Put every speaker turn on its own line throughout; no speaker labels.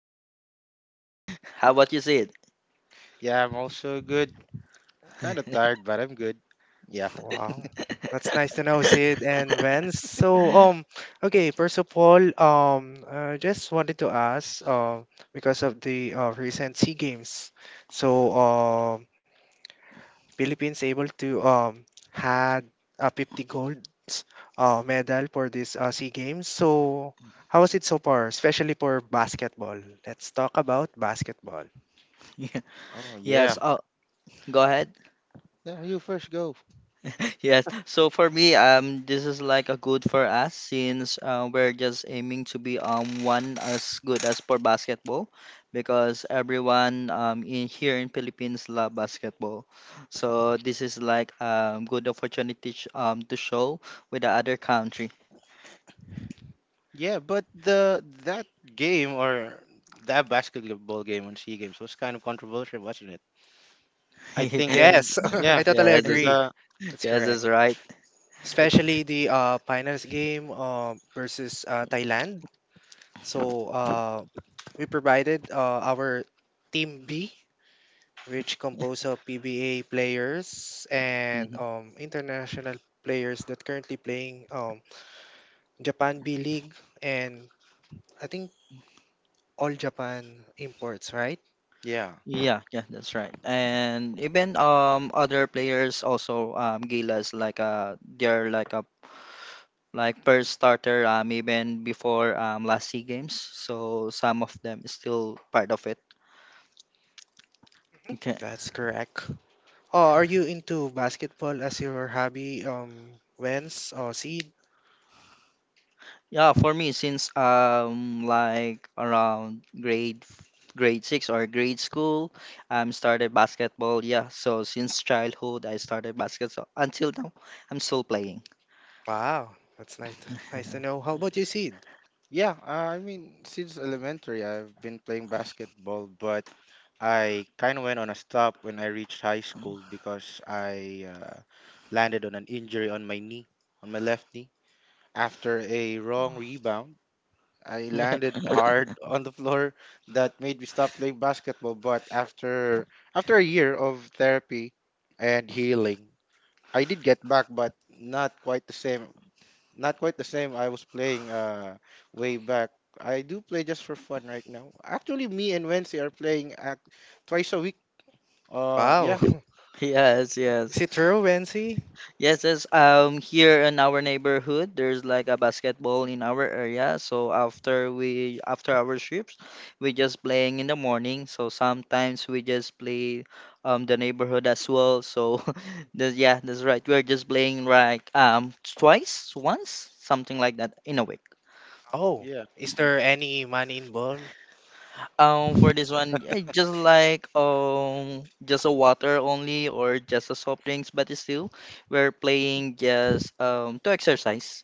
we're good here. How about you, Sid?
Yeah, I'm also good. Kind of tired, but I'm good. Yeah.
Wow. That's nice to know Sid and Vance. So okay, first of all, I just wanted to ask because of the recent SEA Games. So Philippines able to had 50 golds medal for this SEA Games. So how was it so far, especially for basketball? Let's talk about basketball.
Yeah,
Oh, yeah.
Yes, oh, go ahead.
No, you first go.
Yes, so for me, this is like a good for us since we're just aiming to be one as good as for basketball because everyone in here in Philippines love basketball. So this is like good opportunity to show with the other country.
Yeah, but the that game or that basketball game on Sea Games was kind of controversial, wasn't it? I
yes,
think and
Yes,
yeah,
I totally
and
that's,
agree. That's
yes,
correct.
that's right.
I
Especially the finals game versus Thailand. So we provided our team B, which composed of PBA players and
Mhm.
international players that currently playing Japan B League, and I think all Japan imports, right?
yeah, yeah.
Yeah, yeah, that's right. And even other players also Gilas like they're like a like first starter even before last SEA Games. So some of them is still part of it.
That's correct. Oh, are you into basketball as your hobby, Wens or Seed?
Yeah, for me, since like around grade six or grade school, started basketball. Yeah, so since childhood I started basketball until now I'm still playing.
Wow, that's nice. Nice to know. How about you, Seed?
Yeah, I mean, since elementary, I've been playing basketball, but I kind of went on a stop when I reached high school because I landed on an injury on my knee, on my left knee. After a wrong rebound, I landed hard on the floor that made me stop playing basketball. But after a year of therapy and healing, I did get back, but not quite the same. Not quite the same I was playing way back. I do play just for fun right now. Actually, me and Wensi are playing twice a week uh,
Wow,
yeah,
Yes,
is
yes.
it true, Wensi?
Yes, yes. Here in our neighborhood, there's like a basketball in our area. So after our shifts, we just playing in the morning. So sometimes we just play the neighborhood as well. So yeah, that's right. We're just playing like twice, once, something like that in a week.
Oh,
yeah,
is there any money involved?
For this one, just like just a water only or just a soft drinks, but it's still we're playing just to exercise.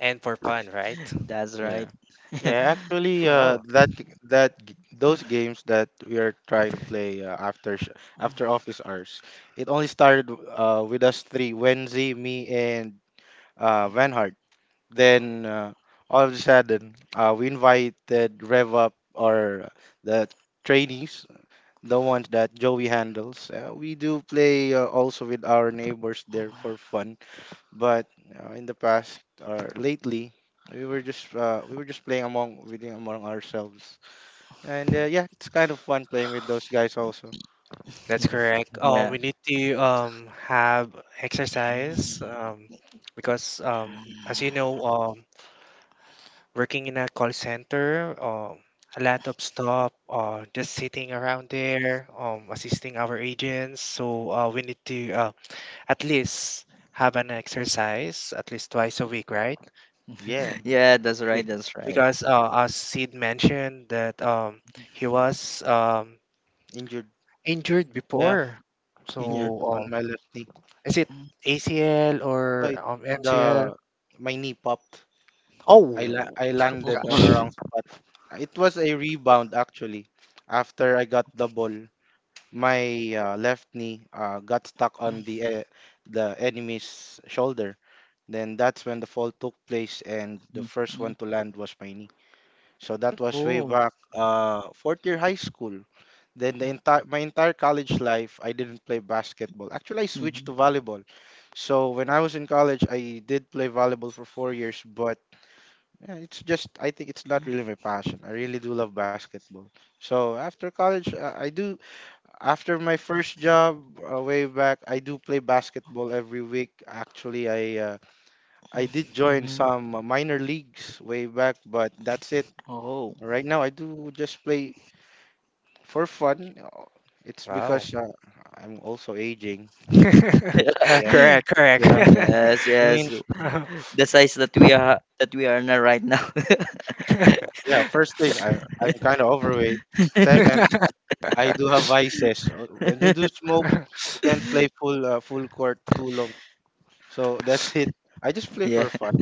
And for fun, right?
That's right.
yeah, yeah. Actually,
Oh,
those games that we are trying to play uh, after office hours, it only started with us three, Wenzi, me, and Vanhard. Then all of a sudden, we invited Rev Up or the trainees, the ones that Joey handles. We do play also with our neighbors there for fun. But in the past or lately, we were just playing among ourselves, and yeah, it's kind of fun playing with those guys also.
that's correct.
Yeah.
We need to have exercise because as you know working in a call center, a lot of stuff, just sitting around there, assisting our agents. So we need to at least have an exercise at least twice a week, right?
Yeah,
Yeah, that's right.
Be-
That's right.
Because as Sid mentioned that he was
injured.
injured
Yeah,
before. So
Yeah.
injured on
um,
my left knee.
is it ACL
So
or
it,
MCL?
the my knee popped.
Oh,
I landed on a
gosh.
wrong spot. It was a rebound actually. After I got the ball, my left knee got stuck on the enemy's shoulder. Then that's when the fall took place, and the first one to land was my knee. So that was way
Oh.
back fourth year high school. Then the entire my entire college life, I didn't play basketball. Actually, I switched
Mhm.
to volleyball. So when I was in college, I did play volleyball for 4 years, but it's just I think it's not really my passion. I really do love basketball. So after college, I do after my first job way back, I do play basketball every week. Actually, I did join
Mhm.
some minor leagues way back, but that's it.
Oh.
Right now, I do just play for fun. It's
Wow.
because I'm also aging. Yeah,
correct, correct.
yeah.
Yes,
I mean,
yes.
Uh-huh.
The size that we are now right now.
yeah. First thing, I'm kind of overweight. Second, I do have vices. When you do smoke, you can't play full full court too long. So that's it. I just play
Yeah.
for fun.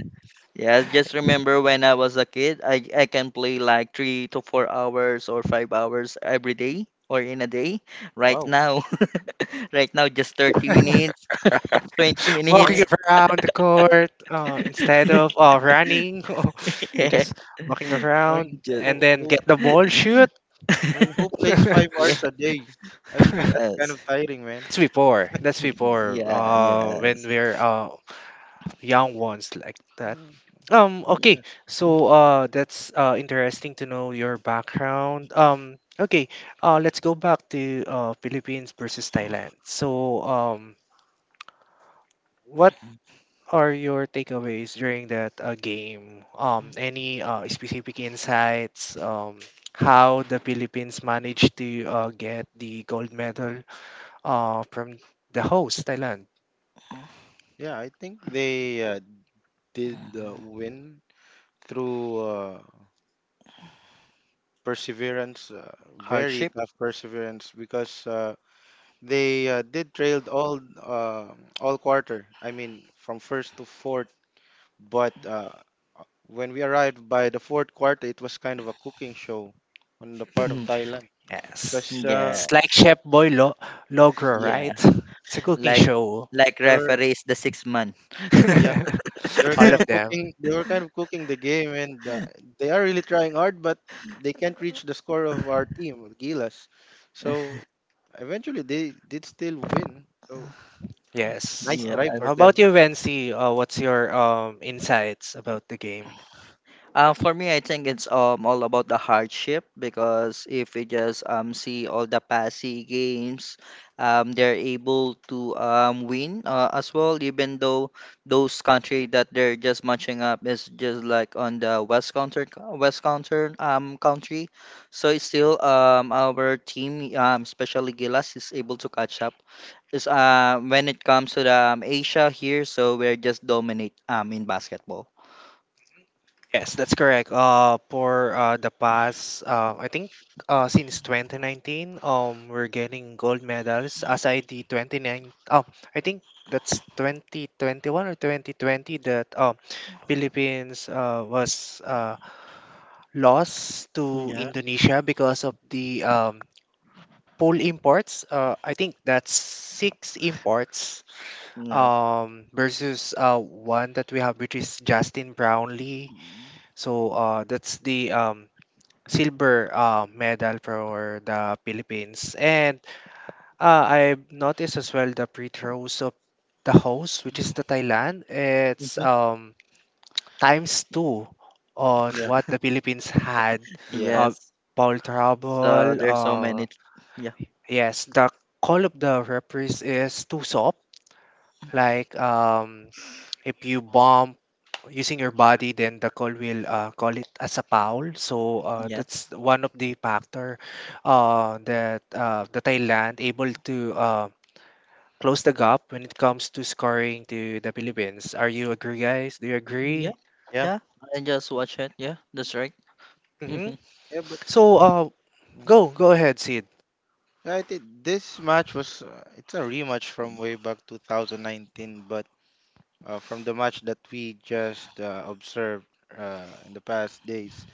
Yes, just remember when I was a kid, I can play like 3 to 4 hours or 5 hours every day or in a day. Right
Wow.
now, right now, just 30 minutes, 20
I
Walking
mean.
minutes.
around the court instead of running, you're
Yeah,
just walking
I mean,
around
just,
and
who
then
who
get the ball, shoot.
I mean, who plays five
yeah,
hours a day? I mean,
That's
that's kind
yes,
of tiring, man.
before. That's before.
yeah,
When
yes.
we're young ones like that.
Mm.
Okay, so that's interesting to know your background. Okay, let's go back to Philippines versus Thailand. So, what are your takeaways during that game? Any specific insights? How the Philippines managed to get the gold medal from the host, Thailand?
Yeah, I think they did win through perseverance, very
Hardship?
tough perseverance, because they did trailed all quarter. I mean, from first to fourth. But when we arrived by the fourth quarter, it was kind of a cooking show on the part of Thailand,
Yes.
because
It's like
Yes,
Chef Boy Logro,
yeah,
yeah.
right? It's a cooking
Like,
show.
like
there were.
referees the 6 month.
Yeah.
All of them.
They were kind of cooking the game and they are really trying hard but they can't reach the score of our team with Gilas, so eventually they did still win, so
Yes.
nice
Yeah.
try for
How about
them.
you, Vency? What's your insights about the game?
For me, I think it's all about the hardship because if we just see all the passy games, they're able to win as well. Even though those country that they're just matching up is just like on the West counter country, so it's still our team especially Gilas is able to catch up. Is when it comes to the Asia here, so we're just dominate in basketball.
Yes, that's correct. For the past, I think since 2019, we're getting gold medals aside the 29. Oh, I think that's 2021 or 2020 that Philippines was loss to
Yeah.
Indonesia because of the poll imports. I think that's six imports
Yeah.
versus one that we have, which is Justin Brownlee.
Mhm.
So that's the silver medal for the Philippines. And I've noticed as well the free throws of the host, which is the Thailand. It's times two on
Yeah,
what the Philippines had,
yeah,
uh,
Yes.
Paul
So
Trouble.
there's so many. Yeah.
Yes, the call of the referees is too soft. Like if you bump using your body, then the call will call it as a foul. So
Yes.
that's one of the factor that the Thailand able to close the gap when it comes to scoring to the Philippines. Are you agree, guys? Do you
Yeah.
agree?
yeah,
Yeah. And just watch it. Yeah. That's right.
hmm
hmm
yeah, but
So
mm,
go ahead, Sid.
yeah, I think this match was it's a rematch from way back 2019, but from the match that we just observed in the past days,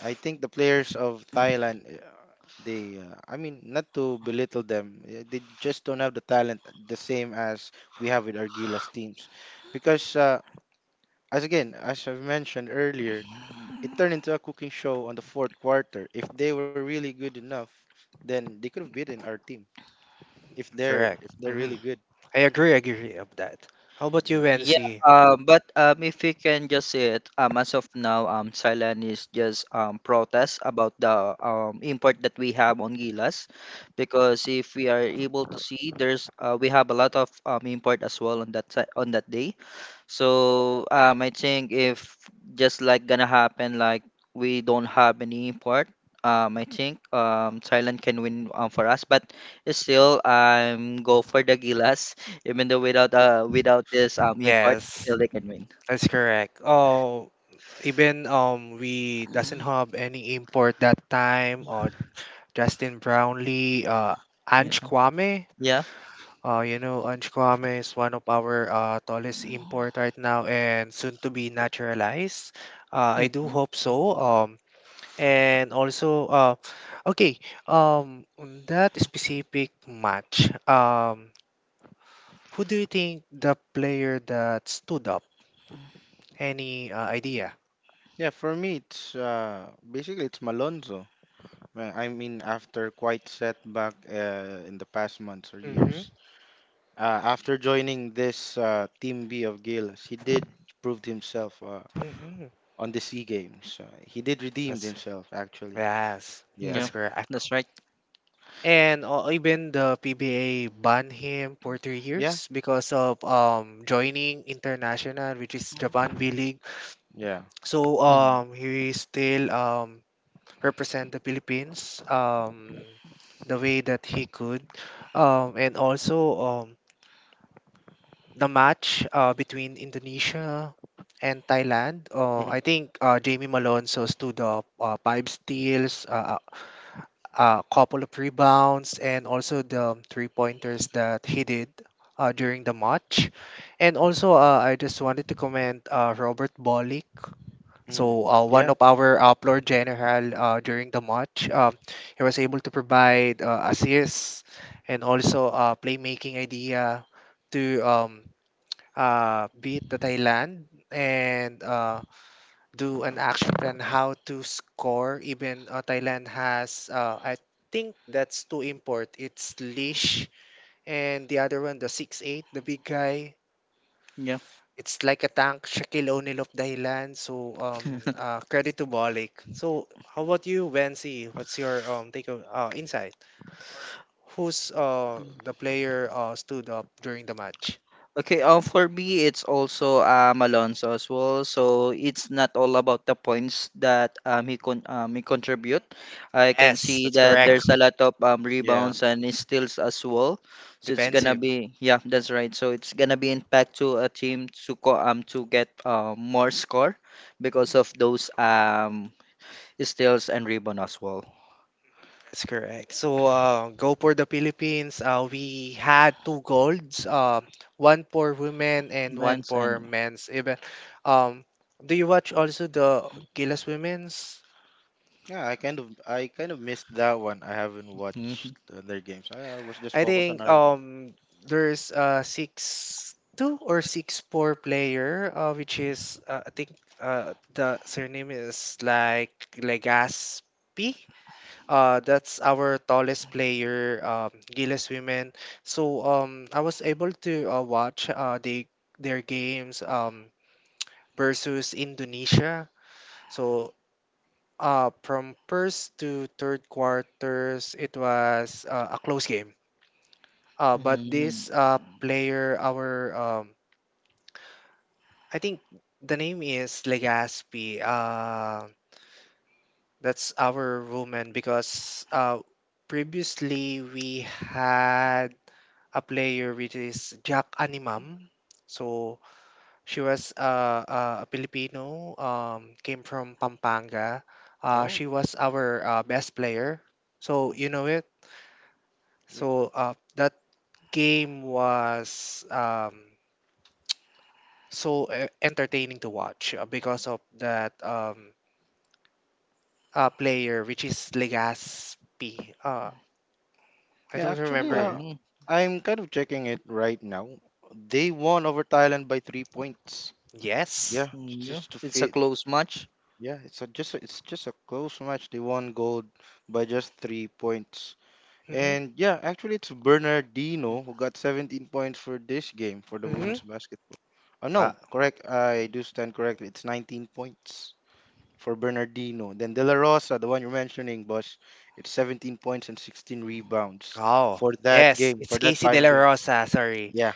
I think the players of Thailand, I mean, not to belittle them, they just don't have the talent the same as we have with Argila's teams. Because, as I've mentioned earlier, it turned into a cooking show on the fourth quarter. If they were really good enough, then they could have beaten our team. If they're
Correct.
if they're really
Mm-hmm.
good,
I agree of that. How about you,
yeah.
Yeah.
Nancy?
But if you can just say it. As of now, Thailand is just protest about the import that we have on Gilas, because if we are able to see, there's we have a lot of import as well on that on that day. So I think if just like gonna happen, like we don't have any import, I think Thailand can win for us. But still, I'm go for the Gilas, even though without without this import,
Yes,
still they can win.
that's correct. Oh, even we doesn't
Mm.
have any import that time or Justin Brownlee,
Yeah,
Ange Kwame.
yeah,
Ange Kwame is one of our tallest import right now and soon to be naturalized. I do
Mhm.
hope so. And also, okay, on that specific match, who do you think the player that stood up? Any idea?
Yeah, for me, it's basically it's Malonzo. I mean, after quite setback in the past months or
Mm-hmm.
years, uh, after joining this Team B of Gilas, he did proved himself
Mm-hmm.
on the SEA Games. He did redeemed
That's,
himself, actually.
yes,
Yeah.
yeah.
that's correct.
That's right.
And even the PBA banned him for three
Yeah.
years because of joining international, which is Japan B League.
Yeah.
So
Mhm.
he still represent the Philippines the way that he could, and also the match between Indonesia and Thailand. I
Hmm.
think Jamie Malone so stood up five steals, a couple of rebounds, and also the three pointers that he did during the match. And also, I just wanted to comment Robert Bolick.
Hmm.
So one
Yeah.
of our floor general during the match, he was able to provide assists and also playmaking idea to beat the Thailand and do an action plan how to score. Even Thailand has, I think that's two import. It's Leash and the other one, the 6'8", the big guy.
Yeah.
It's like a tank, Shaquille O'Neal of Thailand. So credit to Balik. So how about you, Vency? What's your take of, insight? Who's the player stood up during the match?
Okay, for me, it's also Alonso as well. So it's not all about the points that he contribute. I can
Yes,
see
that's
that
correct.
there's a lot of
Yeah.
rebounds and steals as well. So it's gonna
Defensive.
be yeah, that's right. So it's gonna be impact to a team to co to get more score because of those steals and rebound as well.
That's correct. So, go for the Philippines. We had two golds, one for women and one
Men's
for
and
men's event. Um, do you watch also the Gilas Women's?
Yeah. I kind of missed that one. I haven't watched
Mhm.
their games. I was just
I
focused on
think
our.
there's a 6'2" or 6'4" player, which is I think the surname is like Legaspi. That's our tallest player, Giles Women. So I was able to watch their games versus Indonesia. So from first to third quarters, it was a close game. But
Mhm.
this player, our, I think the name is Legaspi. That's our woman because previously we had a player which is Jack Animam. So she was a Filipino, came from Pampanga.
Oh.
She was our best player. So
Mm.
you know it.
Yeah.
So that game was so entertaining to watch because of that player, which is Legaspi. I
Yeah,
don't
actually,
remember.
Uh-huh.
I'm kind of checking it right now. They won over Thailand by 3 points.
Yes.
Yeah,
Mm, yeah,
just to
it's a
fit.
close match.
Yeah, it's just a close match. They won gold by just 3 points.
Mm-hmm.
And yeah, actually, it's Bernardino who got 17 points for this game for the
Mm-hmm.
women's basketball. Oh
Ah,
no, correct. I do stand corrected. It's 19 points for Bernardino. Then De La Rosa, the one you're mentioning, boss, it's 17 points and 16 rebounds
oh,
for that
yes,
game,
it's
for that
Casey De
final
La
game.
Rosa. Sorry.
Yeah,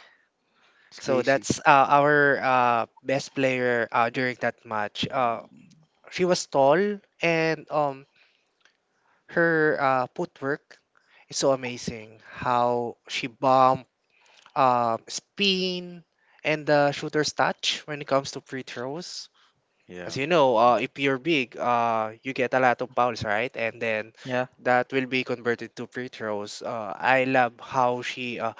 it's
So
Casey.
that's our best player during that match. She was tall and her footwork is so amazing. How she bumped, spin, and the shooter's touch when it comes to free throws. As
Yeah.
you know, if you're big, you get a lot of fouls, right? And then
Yeah.
that will be converted to free throws. I love how she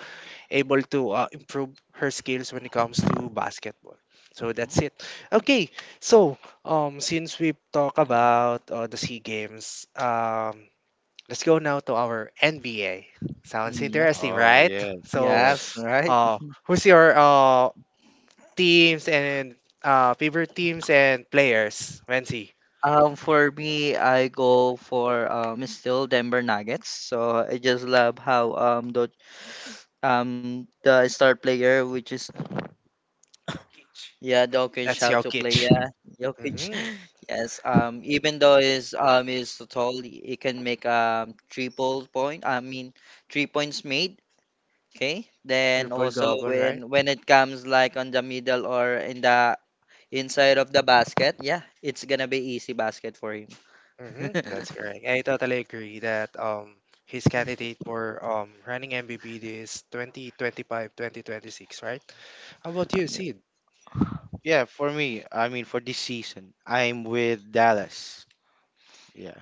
able to improve her skills when it comes to basketball. So that's it. Okay, so since we've talked about the Sea Games, let's go now to our NBA. Sounds
Mm, yeah.
interesting,
Oh
right?
yes,
So
Yes,
yes.
right.
uh, who's your teams and favorite teams and players, Wency?
For me, I go for still Denver Nuggets. So I just love how the star player, which is yeah, Jokic,
That's
how to
Jokic.
Jokic.
hmm
Yes. Even though is tall, he can make triple point. I mean, 3 points made. Okay. Then
Triple
also
double, right?
when it comes like on the middle or in the inside of the basket, yeah, it's gonna be easy basket for him.
That's correct. I totally agree that his candidate for running MVP is 2025, 2026, right? How about you,
yeah.
Sid?
Yeah, for me, I mean for this season, I'm with Dallas. Yeah,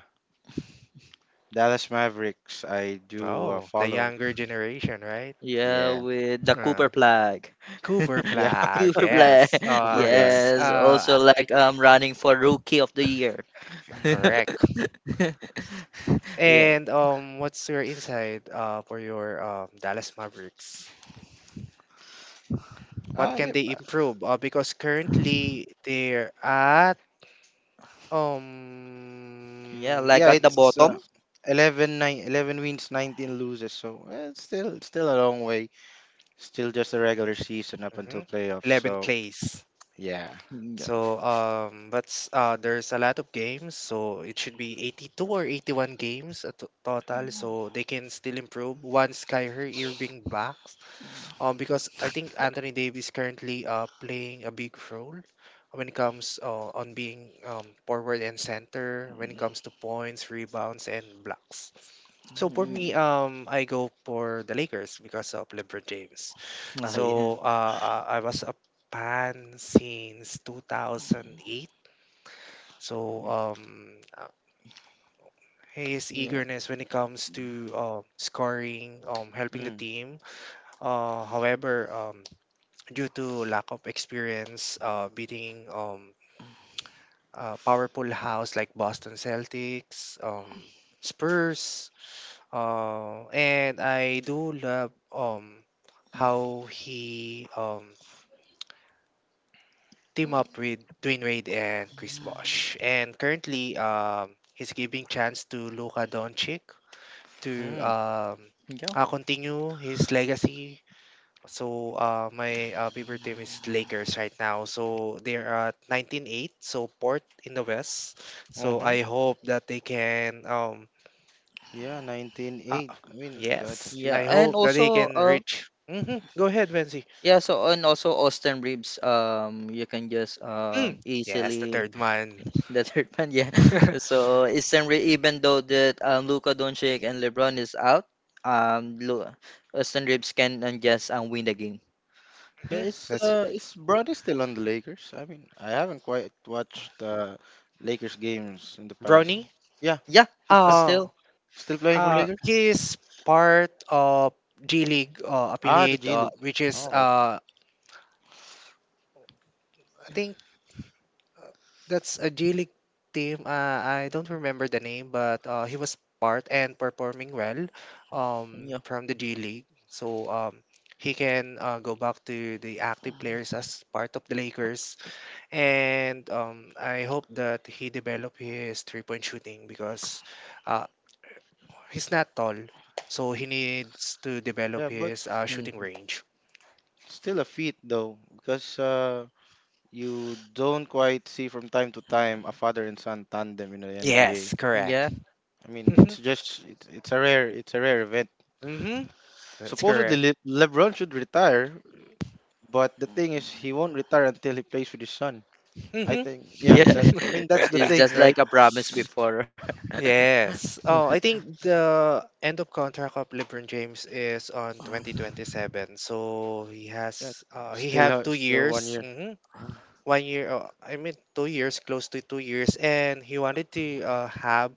Dallas Mavericks. I do
Oh, the
follow.
younger generation, right?
Yeah,
Yeah,
with the Cooper
Uh,
flag.
Cooper
yeah,
Flag,
Cooper flag.
yes.
Silver Flag.
Yes. Also like running for rookie of the year.
Correct.
yeah.
And what's your insight for your Dallas Mavericks? What
Ah,
can
yeah,
they
uh,
improve? Because currently they're at um
Yeah, like
yeah.
at the
It's
bottom.
11, nine, 11 wins, 19 loses. It's still a long way. Still just a regular season up until
mhm,
playoffs.
11th
So
place.
yeah.
Yeah.
So but there's a lot of games. So it should be 82 or 81 games at total. So they can still improve once Kyrie Irving backs. Because I think Anthony Davis currently playing a big role when it comes, on being forward and center when it comes to points, rebounds, and blocks. So for me,
Mm.
I go for the Lakers because of LeBron James.
Ah, yeah.
So I was a fan since 2008. So
Mm,
um, uh, his
yeah.
eagerness when it comes to scoring, helping the
Mm.
team. However, due to lack of experience, beating a powerful house like Boston Celtics, Spurs. And I do love how he team up with Dwayne Wade and Chris
Yeah.
Bosh. And currently he's giving chance to Luka Doncic to
Mm.
continue his legacy. So my favorite team is Lakers right now. So they're at 19-8, so fourth in the West. So
Mm-hmm.
I hope that they can.
Yeah, nineteen
Ah,
eight. I mean that's a
yes.
feat.
I
Yeah, and
hope that he
also
can reach. Go ahead, Venzi.
yeah, so and also Austin ribs you can just
Mm. Yes, the
easily
third one.
the third man, yeah. So Austin rib even though that Luka Doncic and LeBron is out, um Lu- Austin ribs can and just win the game.
Yeah,
That's
is Bronny still on the Lakers? I mean, I haven't quite watched Lakers games in the past.
Brownie.
Yeah,
Yeah,
he's done.
Uh,
still.
Still playing for Lakers?
he is part of G League
Ah, the
affiliate,
G League.
which is
Oh, okay.
I think that's a G League team. I don't remember the name, but he was part and performing well
Yeah.
from the G League. So he can go back to the active players as part of the Lakers. And I hope that he develop his 3-point shooting because uh, he's not tall. So he needs to develop
Yeah, but
his shooting
Mm,
range.
still a feat though, because you don't quite see from time to time a father and son tandem in the NBA.
Yes, correct.
yeah,
I mean, it's a rare event.
hmm hmm That's
Supposedly,
correct.
LeBron should retire, but the thing is, he won't retire until he plays with his son. I
Mhm.
think yeah, that
yeah.
I mean that's the
It's
thing,
just like
right?
a promise before.
Yes. Oh, I think the end of contract of LeBron James is on 2027. So
Yeah,
he have two
still one
years.
year. Mm.
1 year, I mean 2 years, close to 2 years, and he wanted to have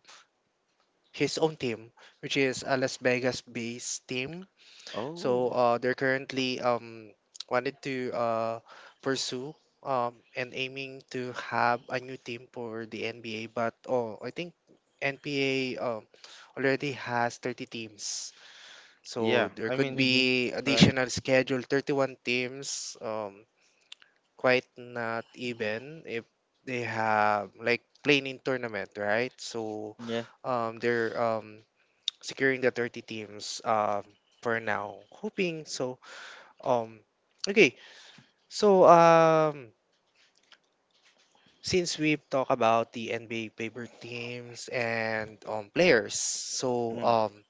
his own team, which is a Las Vegas-based team. So
Oh,
they're currently wanted to pursue and aiming to have a new team for the NBA. But oh, I think NPA already has 30 teams. So
yeah.
there could
hmm
be
Correct.
additional schedule 31 teams. Quite not even if they have like playing in tournament, right? So
Yeah.
they're securing the 30 teams for now, hoping so, um, okay, so since we've talked about the NBA favorite teams and players, so
Mm.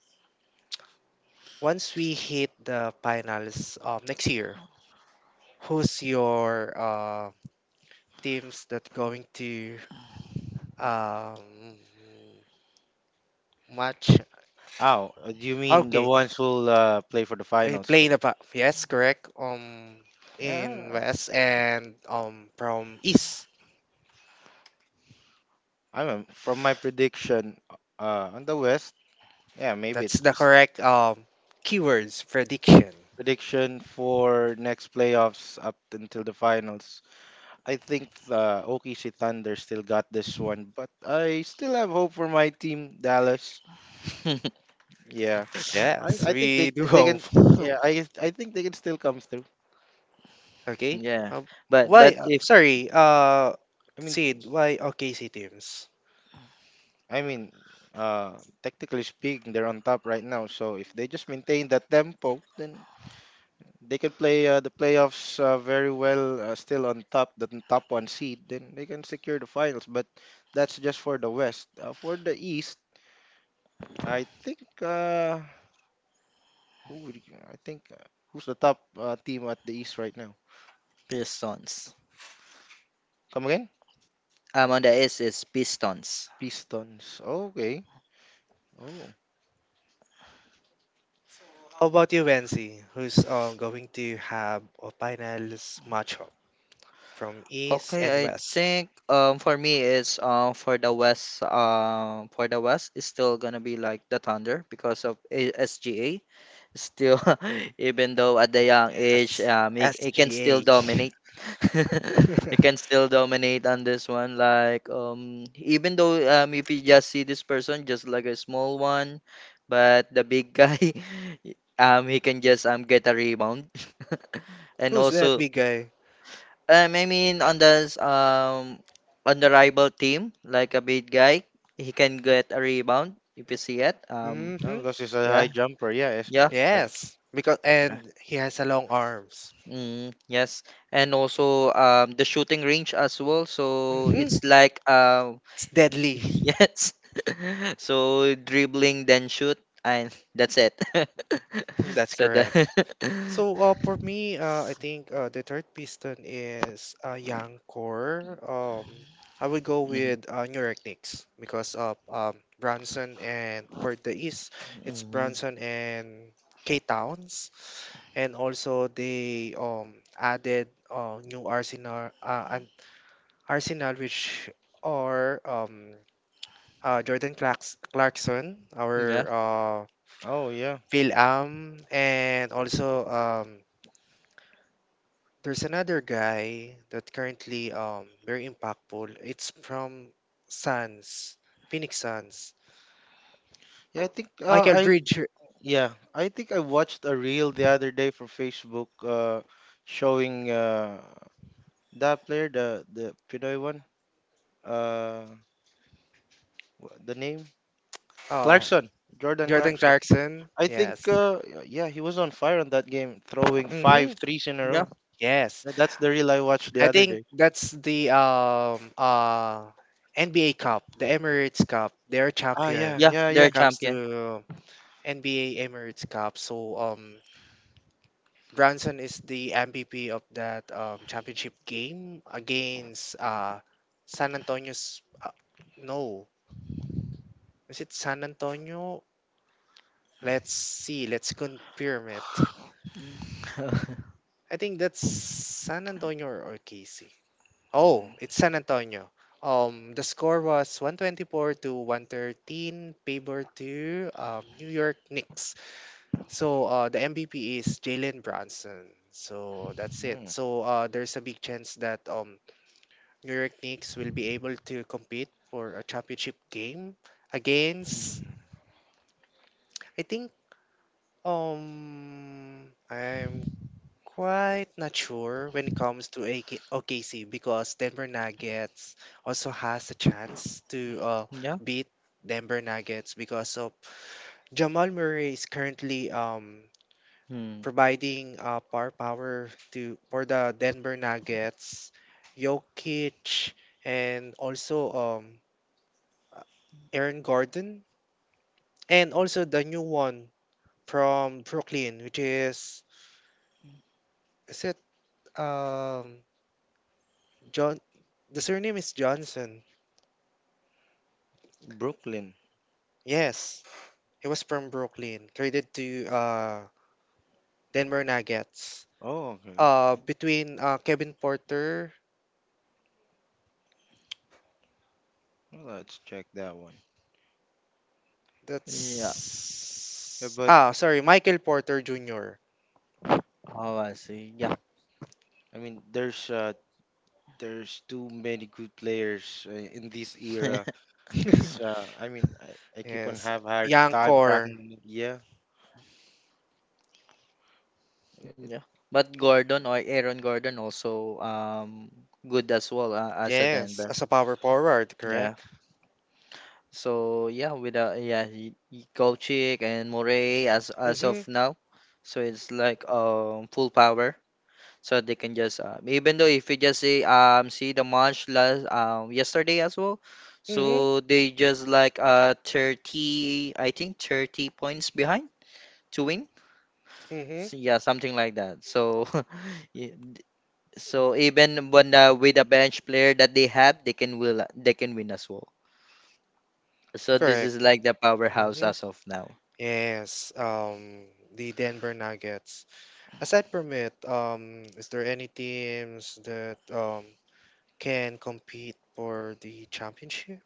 once we hit the finals next year, who's your teams that going to um, match?
Ow, do you mean the
Okay,
ones who'll play for the
eh,
finals?
play
For,
in the yes, correct. In
yeah,
West and from East.
I mean, from my prediction on the West, yeah, maybe
That's
it's
the
just
correct keywords prediction.
prediction for next playoffs up until the finals. I think the OKC Thunder still got this one, but I still have hope for my team, Dallas. Yeah,
Yes,
I think
we do
they
hope.
can yeah I guess- I think they can still come through.
Okay.
Yeah.
Um,
But
why?
but
uh,
if
Sorry.
I mean
Sid. Why OKC teams?
I mean uh technically speaking they're on top right now, so if they just maintain that tempo, then they can play the playoffs very well, still on top the top one seed, then they can secure the finals, but that's just for the west. For the east, I think uh I think who's the top team at the east right now?
Pistons.
Come again?
Um, on the S is Pistons.
Pistons, okay. Oh.
How about you, Wensi, who's going to have a finals matchup from East
Okay,
and
I
West?
think for me it's for the West it's still gonna be like the Thunder because of SGA still even though at the young age he can still
SGA.
dominate he can still dominate on this one like even though if you just see this person just like a small one but the big guy he can just get a rebound and
Who's that
also.
big guy?
I mean on the rival team, like a big guy, he can get a rebound if you see it.
Yeah,
Mm-hmm.
because it's a
Yeah,
high jumper. Yeah. It's,
yeah.
uh,
Yes, because
Yeah.
and he has a long arms.
Mm, yes, and also the shooting range as well. So
Mm-hmm.
it's like
It's deadly.
yes, so dribbling then shoot and that's it.
That's
so the
correct. So for me, I think the third piston is young core. I would go
Mhm.
with New York Knicks because of Brunson, and for the East, it's
hmm
Brunson and K Towns, and also they added new Arsenal and Arsenal, which are Jordan Clarkson,
Yeah.
our
oh yeah.
Phil Am, and also. There's another guy that currently very impactful. It's from Suns, Phoenix Suns.
Yeah, I think
Michael
I
Bridge,
yeah, I think I watched a reel the other day from Facebook showing that player, the Pinoy one, uh wha- the name
uh,
Clarkson, Jordan
Jordan
Clarkson.
Clarkson.
I think
Yes.
uh yeah, he was on fire on that game throwing five
Mm-hmm.
threes in a row.
Yeah.
Yes.
That's the reel I watched the
I
other
think
day.
that's the NBA Cup, the Emirates Cup. They're
Ah
champion
yeah,
Yeah.
yeah,
when
yeah.
They're
it comes
champion.
to NBA Emirates Cup. So Branson is the MVP of that championship game against San Antonio's. No, is it San Antonio? Let's see. Let's confirm it. I think that's San Antonio or KC. Oh, it's San Antonio. The score was 124 to 113, favor to New York Knicks. So the MVP is Jalen Brunson. So that's it.
Mm.
So there's a big chance that New York Knicks will be able to compete for a championship game against
Mm,
I think I'm quite not sure when it comes to AK OKC, because Denver Nuggets also has a chance to
yeah.
beat Denver Nuggets because of Jamal Murray is currently
Hmm.
providing uh, power to for the Denver Nuggets, Jokic, and also uh, Aaron Gordon, and also the new one from Brooklyn, which is it um John? The surname is Johnson.
Brooklyn.
Yes, he was from Brooklyn, traded to Denver Nuggets.
Oh, okay.
Between Kevin Porter,
Well, let's check that one.
Yeah.
that's
Yeah, but
ah sorry Michael Porter Jr.
Oh, I see. Yeah.
I mean, there's too many good players in this era. It's I mean, I keep on
Yes,
have hard
young
time
core.
tracking. Yeah, it,
yeah. But Gordon or Aaron Gordon also good as well as a
Yes,
Denver.
as a power forward,
Yeah.
correct?
So yeah, with yeah, y- y- Kochick and Morey as of
Mm-hmm.
now, so it's like full power. So they can just even though if you just see see the munch last yesterday as well,
Mm-hmm.
so they just like uh 30 i think 30 points behind to win
Mm-hmm.
Yeah something like that so yeah, d- so even when with a bench player that they have they can win as well, so this
Correct.
is like the powerhouse
Mm-hmm.
as of now.
Yes. The Denver Nuggets. Aside from it, is there any teams that can compete for the championship?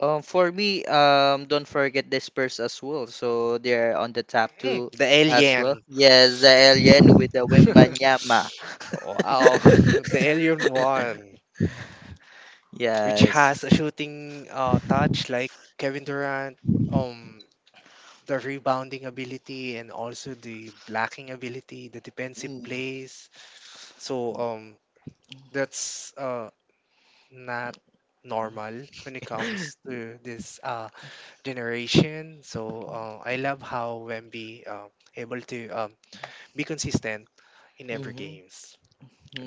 For me, don't forget the Spurs as well. So they're on the top
Mm,
two
the
as well.
Alien.
Yes, the alien with the Wembanyama.
Wow, the Alien one, which
yes.
has a shooting touch like Kevin Durant. Um, the rebounding ability and also the blocking ability, the defensive
Mm-hmm.
plays. So that's not normal when it comes to this generation. So I love how Wemby able to be consistent in every
Mm-hmm.
games.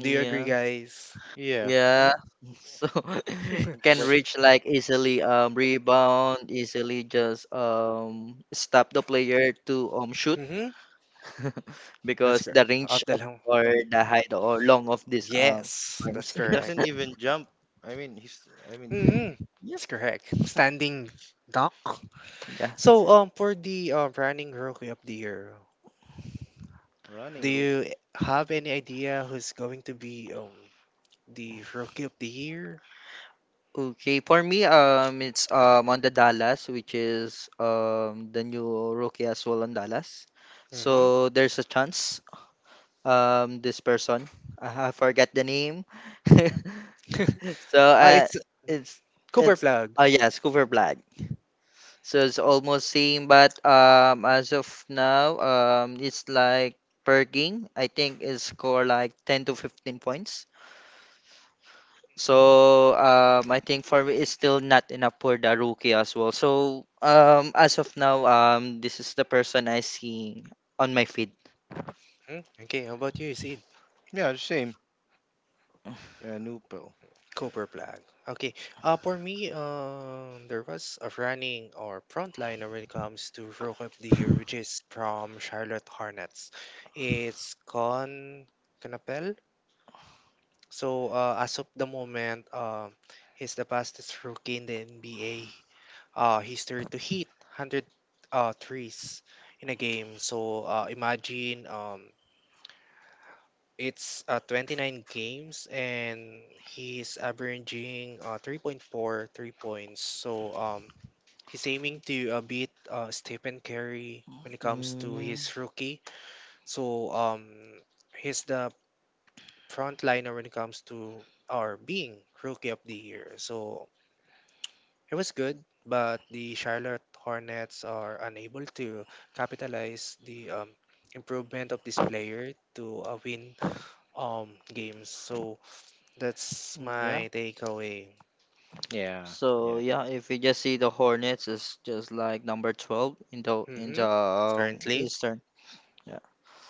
Do you agree, guys?
yeah.
Yeah. So
Mm-hmm.
can
Wha-
reach like easily rebound, easily just stop the player to shoot
That's
because the
correct.
range
Of the
of
long.
or the height or long of this
Yes, that's
arms.
he
correct.
doesn't even jump. I mean, he's I mean the
Mm-hmm. That's correct. Standing duck.
Yeah.
So, for the running rookie of the year,
running
do
route.
you have any idea who's going to be the rookie of the year?
Okay, for me, it's on the Dallas, which is the new rookie as well on Dallas.
Mm-hmm.
So there's a chance. This person, I forget the name. So
Ah, it's
it's
Cooper
it's
Plug.
oh
Mhm.
yes, Cooper Black. So it's almost same, but as of now, it's like per game. I think it's score like 10 to 15 points. So I think for me it's still not enough for the rookie as well. So as of now, this is the person I see on my feed.
Okay, how about you, Sid?
Yeah, the same. Nupel.
Cooper Flag. Okay. For me, there was a running or frontliner when it comes to Rook of the Year, which is from Charlotte Hornets. It's Con Canapel. So as of the moment, he's the fastest rookie in the NBA history to hit 100 threes in a game. So imagine it's 29 games and he's averaging 3.43 points. So he's aiming to beat Stephen Curry when it comes to
Mm,
his rookie. So he's the frontliner when it comes to our being rookie of the year. So it was good, but the Charlotte Hornets are unable to capitalize the improvement of this player to win games. So that's
yeah.
my takeaway.
Yeah,
So
yeah,
yeah, if you just see the Hornets, it's just like number 12 in the
Mm-hmm. Currently,
Eastern. Yeah.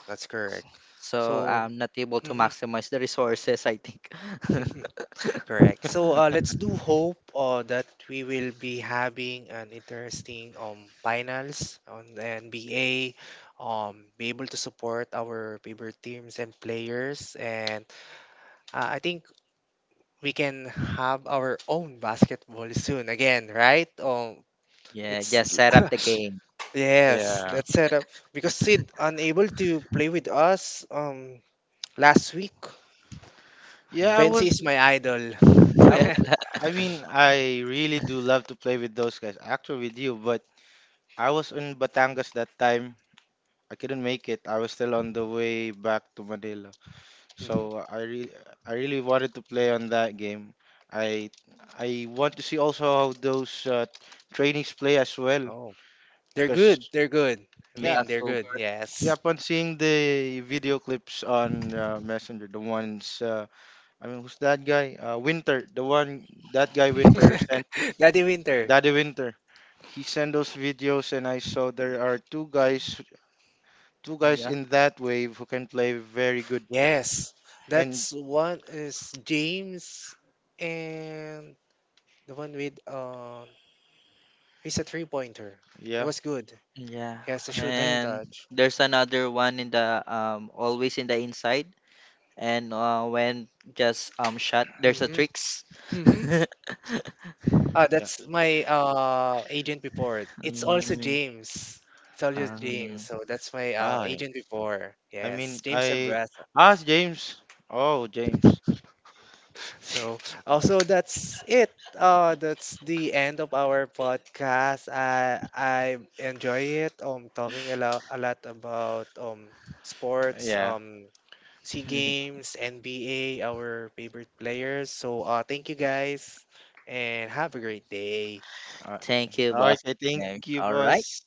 that's correct.
So
So,
I'm not able to
mhm.
maximize the resources. I think.
Correct. So, let's do hope that we will be having an interesting finals on the NBA. Be able to support our favorite teams and players, and I think we can have our own basketball soon again, right?
Yeah,
It's
just set up the game.
yes,
yeah,
let's set up because Sid unable to play with us last week.
yeah. I
Fancy
was.
is my idol.
I was, I mean, I really do love to play with those guys. Actually, with you, but I was in Batangas that time. I couldn't make it. I was still on the way back to Manila.
Mhm.
So I really, I really wanted to play on that game. I, I want to see also how those trainees play as well.
Oh, they're
Because
good. They're good. I
Yeah,
yeah,
mean, they're good.
super.
yeah,
Yes.
upon seeing the video clips on Messenger, I mean, who's that guy? Winter, the one, that guy Winter sent.
Daddy Winter.
Daddy Winter. He sent those videos and I saw there are two guys
Yeah,
in that wave who can play very good.
Yes.
And
That's one is James, and the one with he's a three pointer. It
yeah.
was good.
yeah.
He has a shooting
And
And
touch.
there's another one in the always in the inside. And when just shot, there's a
Mm-hmm.
tricks.
Mm-hmm.
yeah.
That's my agent before. It's also
Mm,
James. It's also
um,
James. So that's my
Ah yeah.
agent before.
I
Yes,
mean
James
I
Abrasa.
asked James. Oh James.
So also that's it. That's the end of our podcast. I enjoy it. Talking a lot about sports,
Yeah.
Sea Games, NBA, our favorite players. So thank you guys, and have a great day.
Okay.
Thank you, boss.
Okay, thank you
All right.
boss.